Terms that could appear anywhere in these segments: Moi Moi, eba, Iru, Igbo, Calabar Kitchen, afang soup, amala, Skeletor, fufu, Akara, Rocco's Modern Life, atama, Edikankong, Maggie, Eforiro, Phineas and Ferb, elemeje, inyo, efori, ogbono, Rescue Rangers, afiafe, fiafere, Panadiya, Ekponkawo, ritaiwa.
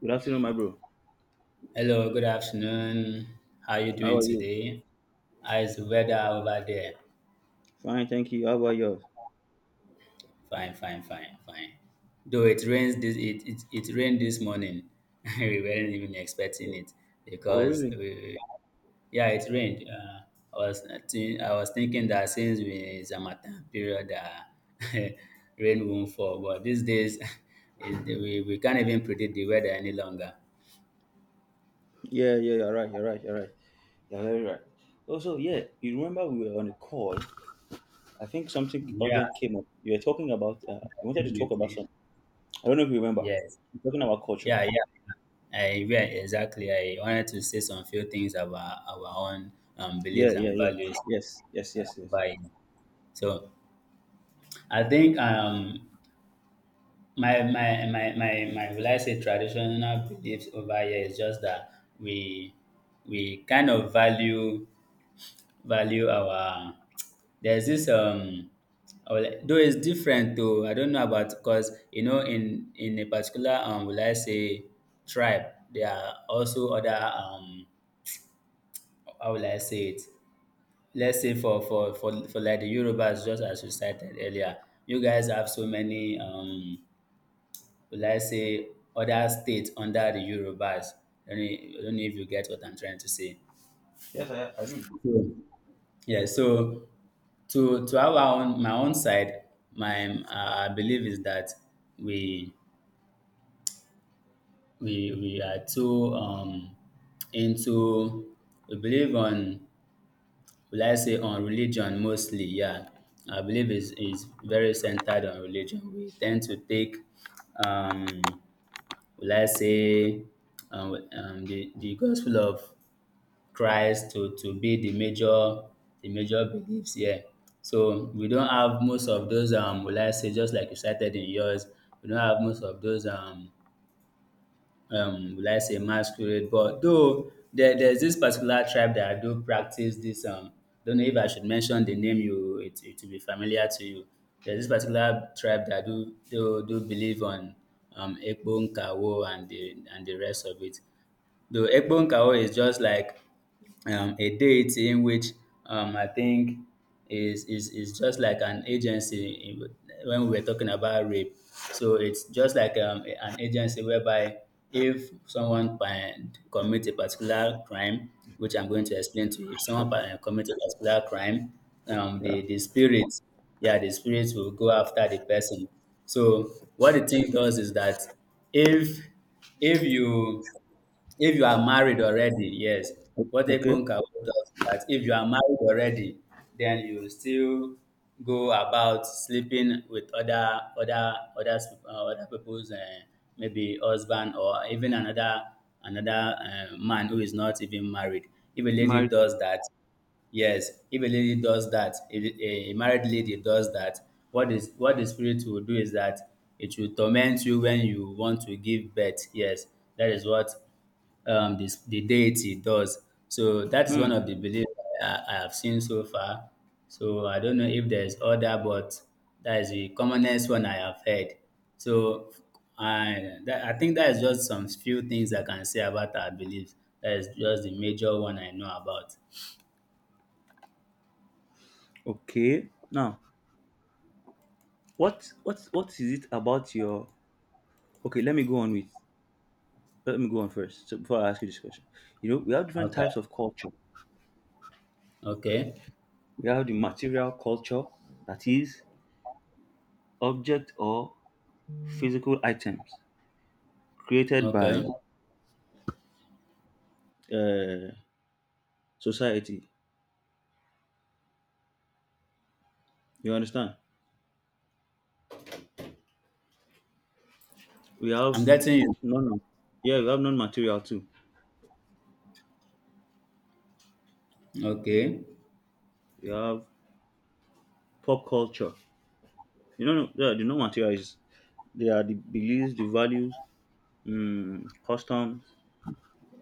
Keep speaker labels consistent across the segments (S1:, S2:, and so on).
S1: Good afternoon, my bro.
S2: Hello, good afternoon. How are you
S1: How
S2: doing
S1: are you?
S2: today? How is the weather over there?
S1: Fine, thank you. How about yours?
S2: Fine, fine, fine, fine. Though it rains this it it, it rained this morning. We weren't even expecting
S1: Oh,
S2: it
S1: oh,
S2: because
S1: really?
S2: we, yeah, it rained. I was thinking that since we it's a matter period that rain won't fall, but these days we can't even predict the weather any longer.
S1: Yeah, yeah, you're right, you're right, you're right. You're very right. Also, yeah, you remember we were on a call. I think something
S2: Yeah,
S1: urgent came up. You were talking about, you wanted to talk about
S2: definitely.
S1: something. I don't know if you remember.
S2: Yes.
S1: You're talking about culture.
S2: Yeah, yeah. I yeah, exactly. I wanted to say some few things about our own
S1: Yeah,
S2: beliefs
S1: yeah,
S2: and
S1: yeah.
S2: values.
S1: Yes, yes,
S2: uh,
S1: yes, yes.
S2: by so I think my will I say traditional beliefs over here is just that we we kind of value our there's this though it's different, though I don't know about, because in a particular will I say tribe, there are also other how will I say it? Let's say for like the Yorubas, just as you cited earlier, you guys have so many will I say other states under the Yorubas. I don't know if you get what I'm trying to say.
S1: Yes, I do.
S2: So, yeah, to have our own my own side. My I believe is that we we are too into we believe on, will I say, on religion mostly, yeah. I believe it's very centered on religion. We tend to take, um, will I say, the gospel of Christ to be the major beliefs here. So we don't have most of those, will I say, just like you cited in yours, we don't have most of those will I say masquerade. But though there's this particular tribe that I do practice this, don't know if I should mention the name, you it it will be familiar to you. There's this particular tribe that do believe on Ekpo, Nkawo, and the rest of it. Though Ekponkawo is just like a deity in which, I think, is just like an agency when we were talking about rape. So it's just like an agency whereby, if someone commits a particular crime, which I'm going to explain to you, if someone commits a particular crime, um,
S1: Yeah.
S2: the the spirit, yeah, the spirit will go after the person. So what the thing does is that if if you if you are married already, yes.
S1: O-
S2: What
S1: Okay.
S2: Ekponka does is that if you are married already, then you still go about sleeping with other people's, maybe husband or even another, man who is not even married. If a lady
S1: Married.
S2: does that, yes, if a lady does that, if a married lady does that, what the spirit will do is that it will torment you when you want to give birth. Yes, that is what, the deity does. So that is
S1: Hmm.
S2: one of the beliefs I have seen so far. So I don't know if there is other, but that is the commonest one I have heard. So I think that is just some few things I can say about our beliefs. That is just the major one I know about.
S1: Okay. Now, what is it about your? Okay, let me go on with. Let me go on first. So before I ask you this question, you know, we have different
S2: Okay.
S1: types of culture.
S2: Okay.
S1: We have the material culture, that is, object or physical items created by
S2: Okay.
S1: uh, society. You understand? We
S2: I'm
S1: have
S2: getting you.
S1: non. Yeah, we have non-material too.
S2: Okay.
S1: We have pop culture. You know, yeah, the non-material is they are the beliefs, the values, customs,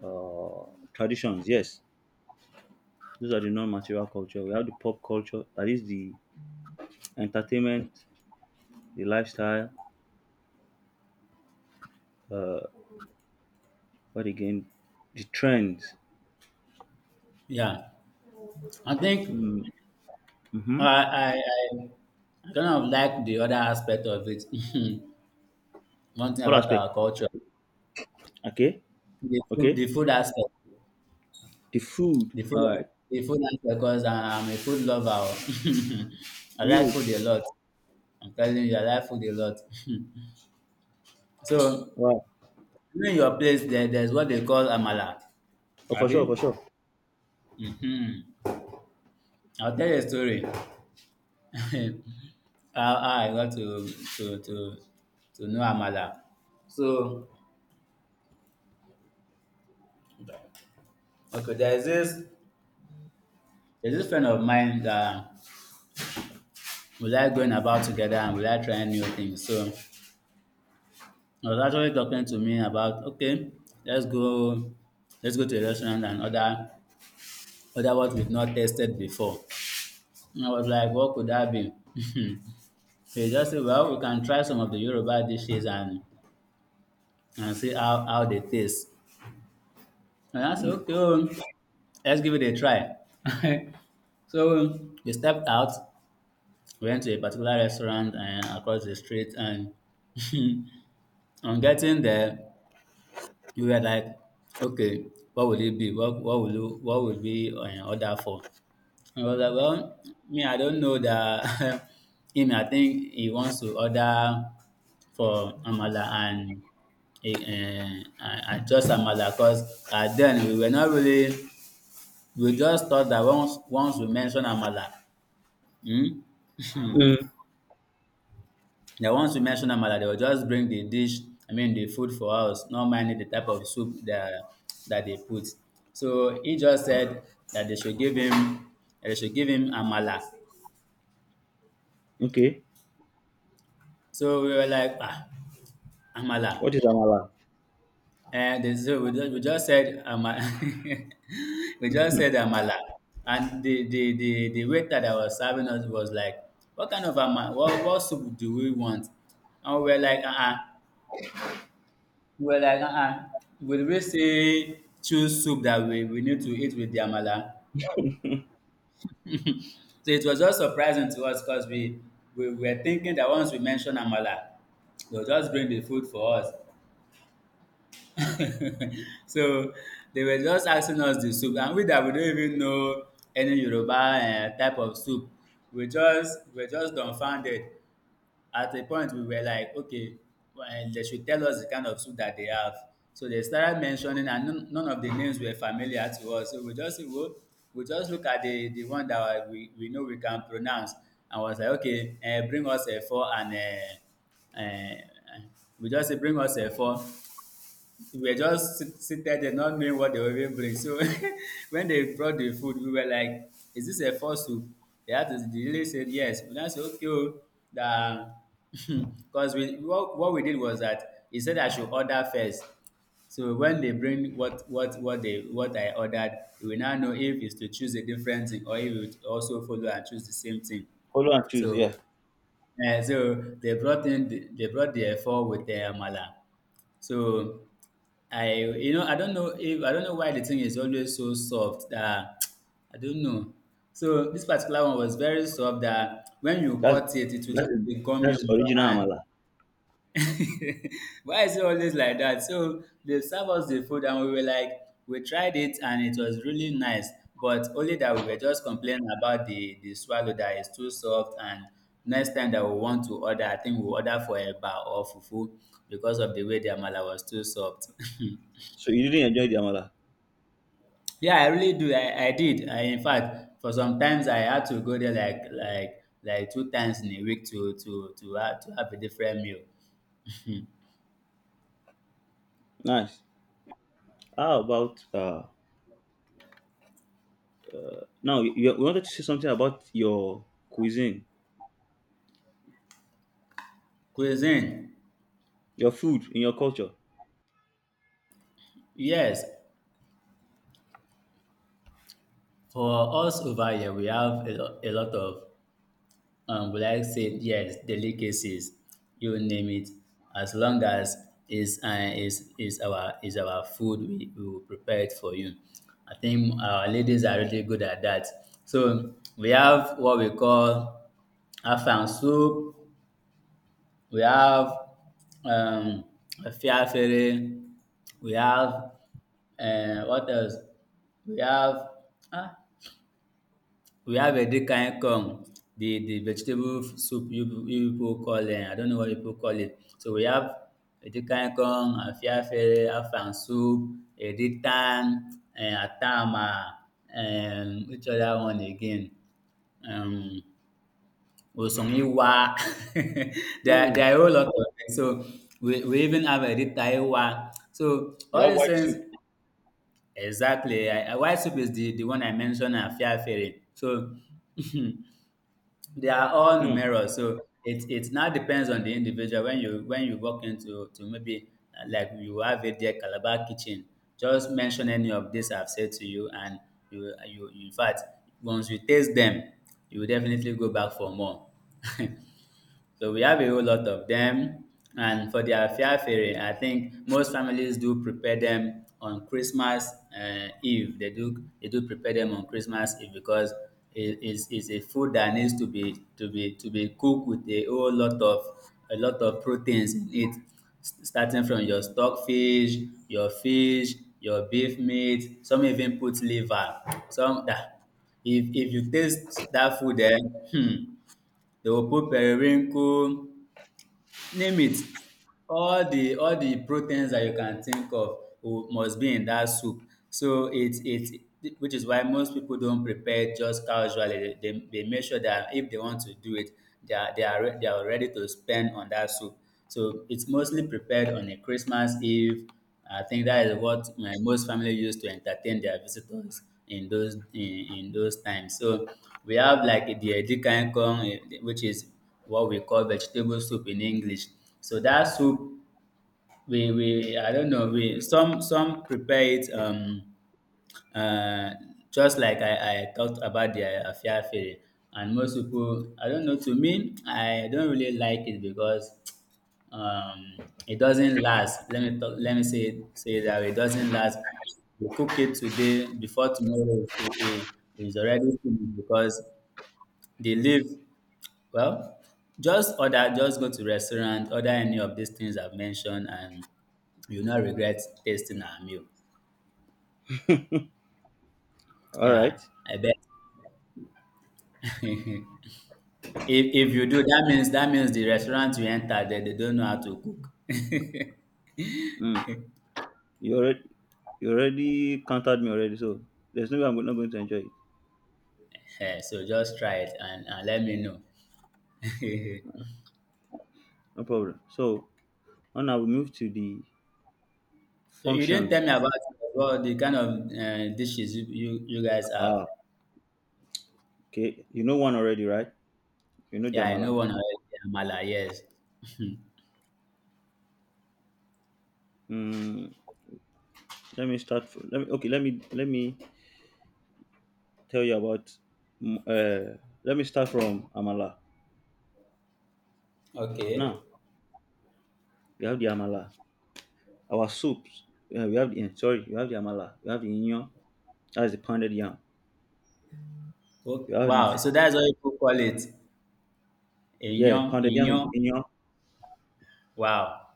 S1: traditions. Yes, those are the non-material culture. We have the pop culture, that is the entertainment, the lifestyle, uh, what again, the trends.
S2: Yeah. I think
S1: Mm, hmm
S2: I I I I kind of like the other aspect of it. One thing
S1: What
S2: about
S1: aspect?
S2: our culture,
S1: Okay,
S2: the food,
S1: okay.
S2: the food aspect,
S1: The food.
S2: the food,
S1: All right.
S2: the food aspect, because I'm a food lover. Oh. I like
S1: Really?
S2: food a lot. I'm telling you, I like food a lot. So,
S1: Wow.
S2: in your place, there's what they call amala.
S1: Oh, for sure,
S2: Abi,
S1: for sure.
S2: hmm. I'll tell you a story. How I got to to to know amala. So, okay, there's this friend of mine that we like going about together, and we like trying new things. So he was actually talking to me about, okay, let's go let's go to a restaurant and order what we've not tasted before. And I was like, what could that be? So he just said, well, we can try some of the Yoruba dishes and see how they taste. And I said,
S1: Mm.
S2: okay, oh, let's give it a try. So we stepped out, we went to a particular restaurant, and across the street, and on getting there, we were like, okay, what will it be? What what will we order for? I was like, well, me, I don't know that him. I think he wants to order for Amala and and just Amala, because then we were not really. We just thought that once we mention amala, um
S1: Mm.
S2: they will just bring the dish, I mean the food for us, not minding the type of soup that they put. So he just said that they should give him that they should give him amala.
S1: Okay.
S2: So we were like, ah, amala.
S1: What is amala?
S2: And they so we just said ama, we just said amala, and the waiter that was serving us was like, "What, kind of amala? What soup do we want?" And we were like, uh, we were like, uh, uh, will we say choose soup that we need to eat with the amala?" So it was just surprising to us, because we were thinking that once we mention amala, they'll just bring the food for us. So they were just asking us the soup, and we don't even know any Yoruba type of soup. We were just dumbfounded. At a point, we were like, okay, they should tell us the kind of soup that they have. So they started mentioning, and none of the names were familiar to us, so we just say, oh, we just look at the one that we know we can pronounce, and was like, okay, bring us efo, and um um we just say bring us efo. We were just seated there, not knowing what they were even bring. So when they brought the food, we were like, is this a false soup? They they really said yes. We now said, okay, oh, that, because what we did was that he said I should order first. So when they bring what I ordered, we will now know if it's to choose a different thing, or if it would also follow and choose the same thing.
S1: Follow and choose.
S2: So
S1: Yeah,
S2: so they they brought the effort with the amala. So I, I don't know if I don't know why the thing is always so soft that I don't know. So this particular one was very soft that, when you
S1: that's
S2: cut it, it will
S1: that
S2: just
S1: is
S2: be
S1: that
S2: gummy
S1: is
S2: on your
S1: original
S2: hand.
S1: amala.
S2: Why is it always like that? So they serve us the food, and we were like, we tried it, and it was really nice, but only that we were just complaining about the swallow that is too soft. And next time that we want to order, I think we order for eba or fufu, because of the way the amala was too soft.
S1: So you didn't enjoy the amala.
S2: Yeah, I really do. I did. I, in fact, for sometimes I had to go there like two times in a week to have a different meal.
S1: Nice. How about uh? Now you wanted to say something about your cuisine,
S2: Cuisine,
S1: your food in your culture.
S2: yes. For us over here, we have a lot of, would I say, yes, delicacies, you name it, as long as is our food, we will prepare it for you. I think our ladies are really good at that. So we have what we call afang soup, we have um, fiafere, we have what else? We have ah, We have dis kain corn, di vegetable soup you pipu call I don't know what you pipu call it. So we have dis kain corn, afiafe, afang soup, ritan, atama, which other one again, um osunyiwa.
S1: Mm.
S2: There are a whole lot of dem. So we even have ritaiwa. So
S1: You
S2: all
S1: have
S2: dis
S1: white
S2: tins
S1: soup.
S2: exactly white soup is di one I mention and afiafe. So they are all
S1: Mm.
S2: numerous, so it now depends on the individual. When you walk into to maybe like you have it there, Calabar Kitchen, just mention any of this I've said to you, and you in fact once you taste them, you will definitely go back for more. So we have a whole lot of them. And for their fiafere, I think most families do prepare them on Christmas Eve. They do prepare them on Christmas Eve because it is a food that needs to be cooked with a whole lot of a lot of proteins in it, starting from your stockfish, your fish, your beef meat. Some even put liver. Some that if you taste that food, then hmm, they will put periwinkle. Name it. All the proteins that you can think of must be in that soup. So it's which is why most people don't prepare just casually. They make sure that if they want to do it, they are ready to spend on that soup. So it's mostly prepared on a Christmas Eve. I think that is what my most family used to entertain their visitors in those times. So we have like the Edikankong, eh, which is what we call vegetable soup in English. So that soup, we I don't know, we some prepare it uh just like I talked about the afiafi, and most people I don't know. To me, I don't really like it because um it doesn't last. Let me talk, let me say say it that way. It doesn't last. You cook it today before tomorrow it's already finished because the leaf, well, just order, just go to restaurant, order any of these things I've mentioned, and you'll not regret tasting our meal.
S1: All
S2: Yeah,
S1: right.
S2: I bet. if if you do, that means the restaurant you enter there, they don't know how to cook.
S1: Mm. You already you already countered me already, so there's no way I'm go- not going to enjoy it.
S2: Eh, so just try it, and let me know. So
S1: No problem. So now I will move to the
S2: you didn't tell
S1: functions.
S2: me about, well, the kind of dishes you guys have.
S1: Ah, okay. You know one already, right? You know the
S2: Yeah, I know
S1: amala.
S2: one already, Amala, yes.
S1: Mm, let me start. F- let me tell you about. mm, Uh, let me start from amala.
S2: Okay.
S1: Now we have the amala. Our soups. We have the eh, sorry. We have the amala. We have the inyo. That is the pounded yam.
S2: O-
S1: We have the
S2: Wow, so that's what people call it.
S1: yeah,
S2: Inyo,
S1: pounded yam
S2: inyo.
S1: is inyo.
S2: Wow.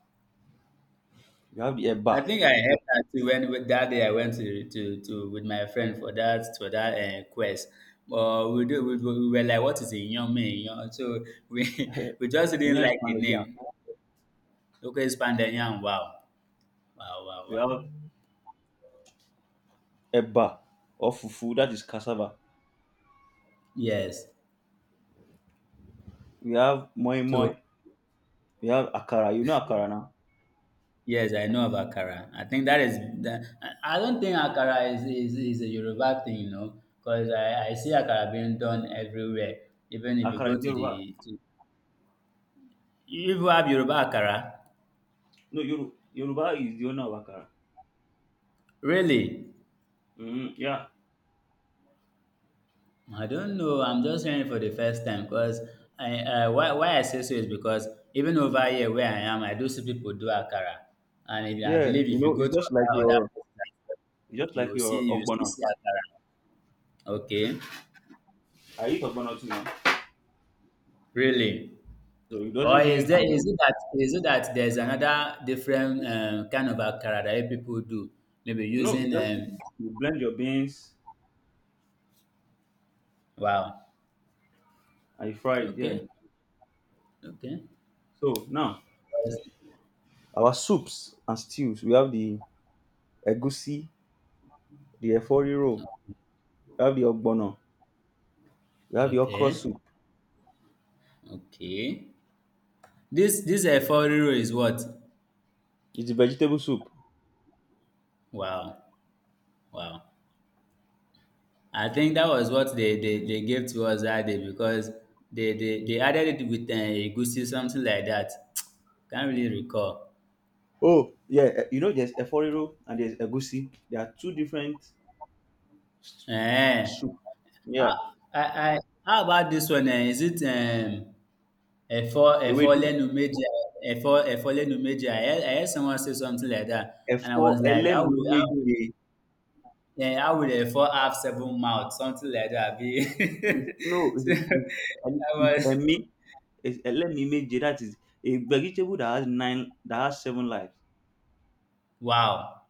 S1: We have the
S2: I
S1: eba.
S2: think I had that too when with that day I went to with my friend for that quest. But we do we were like, what is a young man? You know? So we we just didn't
S1: Miyan is
S2: like the
S1: Panadiya.
S2: name. Local Spandanyang. Wow. Wow, wow,
S1: We
S2: wow.
S1: have eba or fufu, that is cassava.
S2: Yes.
S1: We have moi moi.
S2: So
S1: We have akara. You know akara now?
S2: yes, I know of Akara. I think that is that I don't think Akara is a Yoruba thing, you know, because I see Akara being done everywhere. Even if you
S1: Akara
S2: go
S1: is Yoruba.
S2: you even have Yoruba Akara.
S1: No, Yoru- Yoruba is the owner of akara.
S2: Really?
S1: Mm, yeah.
S2: I don't know. I'm just hearing it for the first time because I, why I say so is because even over here where I am, I do see people do akara, and if, I
S1: Yeah,
S2: believe
S1: you
S2: if you
S1: know,
S2: go
S1: it's
S2: to
S1: just like
S2: other
S1: your
S2: places, like, you will still
S1: ogbono.
S2: see akara. Okay,
S1: I eat ogbono too now.
S2: really?
S1: So it
S2: Or
S1: doesn't
S2: is
S1: mean
S2: there,
S1: I'm
S2: is it that, is it that there's another different kind of akara that people do? Maybe
S1: no, it's
S2: using
S1: just you blend your beans
S2: wow.
S1: and you fry it, yeah.
S2: Okay, okay,
S1: So now our soups and stews, we have the egusi, the efori roll, we have the ogbono, we have the okra
S2: okay,
S1: soup.
S2: okay. This this Eforiro is what?
S1: It's vegetable soup.
S2: Wow, wow! I think that was what they gave to us that day because they added it with egusi something like that. Can't really recall.
S1: Oh, yeah. You know, there's eforiro and there's egusi. There are two different s-
S2: Eh?
S1: soup.
S2: How,
S1: Yeah.
S2: how about this one? Eh? Is it efo
S1: Ewedu,
S2: lenu meja, efo lenu meja? I heard someone say something like that, and I
S1: efo,
S2: was like, how will
S1: elemeje.
S2: yeah, I would a four have seven mouths? Something like that. Be
S1: It's no,
S2: so I was
S1: emi- it's elemeje. That is a vegetable that has nine, that has seven lives.
S2: wow,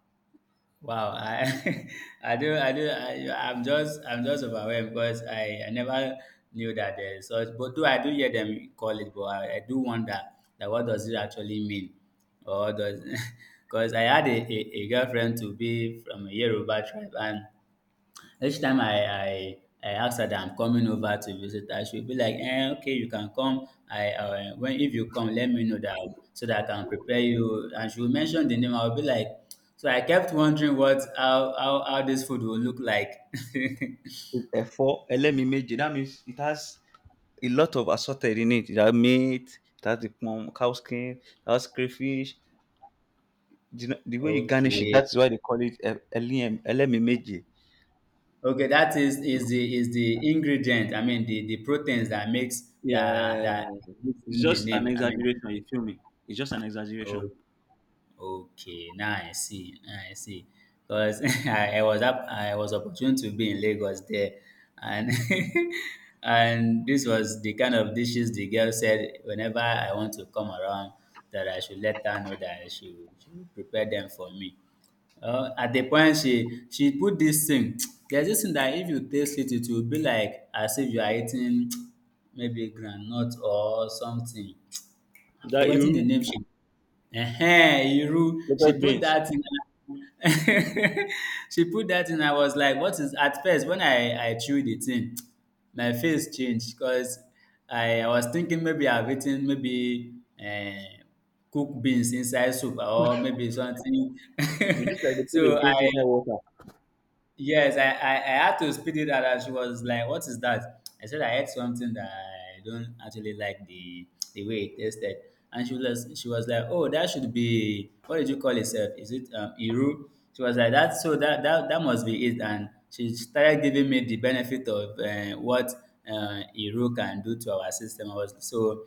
S2: wow. I I'm just overwhelmed because I never knew that there is such. But do I do hear them call it? But I do wonder that what does it actually mean, or does because I had a girlfriend to be from a Yoruba tribe, and each time I ask her that I'm coming over to visit her, she'll be like, eh, okay, you can come. I, when if you come, let me know that so that I can prepare you. And she will mention the name. I'll be like, so I kept wondering what, how this food will look like.
S1: It's efo, elemeje. That means it has a lot of assorted in it. It has meat, it has the plum, cow skin, it has crayfish. The way you garnish it,
S2: Okay.
S1: that's why they call it elem- elemeje.
S2: Okay, that is, is the ingredient. I mean the proteins that makes that
S1: Yeah,
S2: that gives
S1: it's
S2: him the
S1: just an
S2: name. I mean,
S1: exaggeration. You feel me? It's just an exaggeration.
S2: okay. Now I see. Because I was up, I was opportune to be in Lagos there, and and this was the kind of dishes the girl said whenever I want to come around that I should let her know that she would prepare them for me. At the point she put this thing, there's this thing that if you taste it, it will be like as if you are eating maybe groundnut or something. I've
S1: That
S2: forgotten the
S1: you
S2: name she, ehen, Iru. She
S1: lotus
S2: put
S1: beans,
S2: that in. She put that in. I was like, what is, at first when I chewed it in, my face changed because I was thinking maybe I've eaten maybe uh, cooked beans inside soup or maybe something.
S1: you look like they put a
S2: so
S1: beans
S2: I
S1: inside water.
S2: Yes, I had to speed it out, and she was like, what is that? I said I ate something that I don't actually like the way it tasted. And she was like, oh, that should be, what did you call yourself? Is it Iru? She was like that, so that must be it, and she started giving me the benefit of what Iru can do to our system. I was so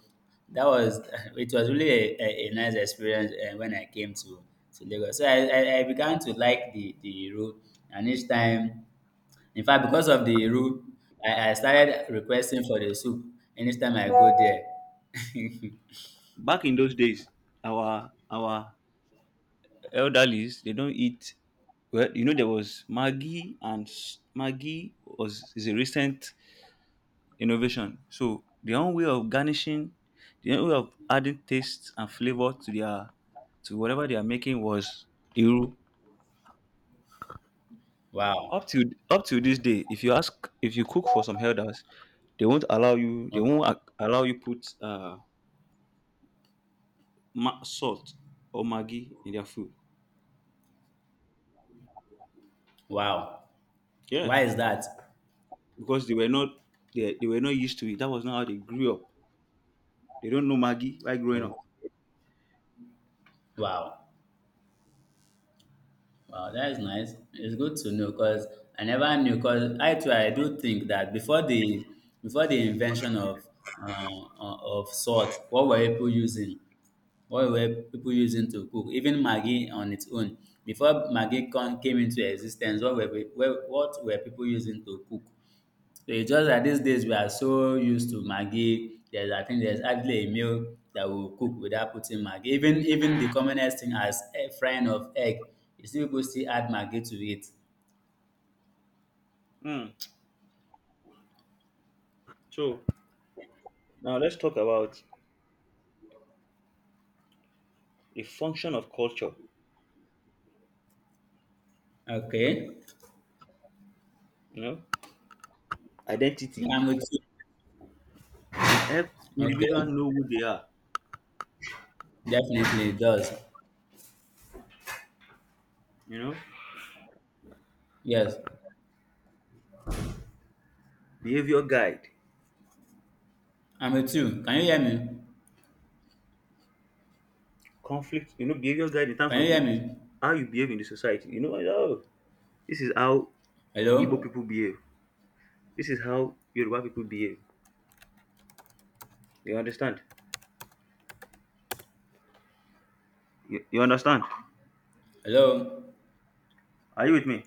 S2: that was it was really a nice experience when I came to Lagos. So I began to like the route, and each time, in fact, because of the route, I started requesting for the soup anytime I go there.
S1: Back in those days, our elderlies they don't eat. Well, you know there was Maggie and s- Maggie was is a recent innovation. So their own way of garnishing, their own way of adding taste and flavor to their to whatever they are making was iru.
S2: Wow.
S1: Up to this day, if you ask if you cook for some elders, they won't allow you they won't
S2: Okay.
S1: ac- allow you put ma- salt or Maggi in their food,
S2: Wow.
S1: yeah,
S2: Why is that?
S1: because they were not they were not used to it. That was not how they grew up. They don't know Maggi while growing up.
S2: Okay. Wow. Wow, that is nice. It's good to know, because I never knew. Because I too, I do think that before the invention uh, of salt, what were people using? What were people using to cook? Even Maggie on its own, before Maggie came into existence, what were people using to cook? It's just that these days we are so used to Maggi. There's, I think there's hardly a meal that we will cook without putting Maggi. Even, even the commonest thing as eh, frying of egg, you see people still add Maggi to it.
S1: Hmm. So now let's talk about a function of culture.
S2: Okay.
S1: You know identity,
S2: Yeah, I'm with you.
S1: it helps individual
S2: Okay.
S1: know who they are.
S2: Definitely it does.
S1: You know
S2: Yes.
S1: behavior guide
S2: I'm with you. Can you hear me?
S1: conflict, you know, behavior guide in terms of
S2: Can you hear
S1: in-
S2: me?
S1: how you behave in the society. You know, oh, this is how Igbo
S2: Hello?
S1: people behave, this is how Yoruba people behave. You understand, you understand,
S2: Hello?
S1: are you with me?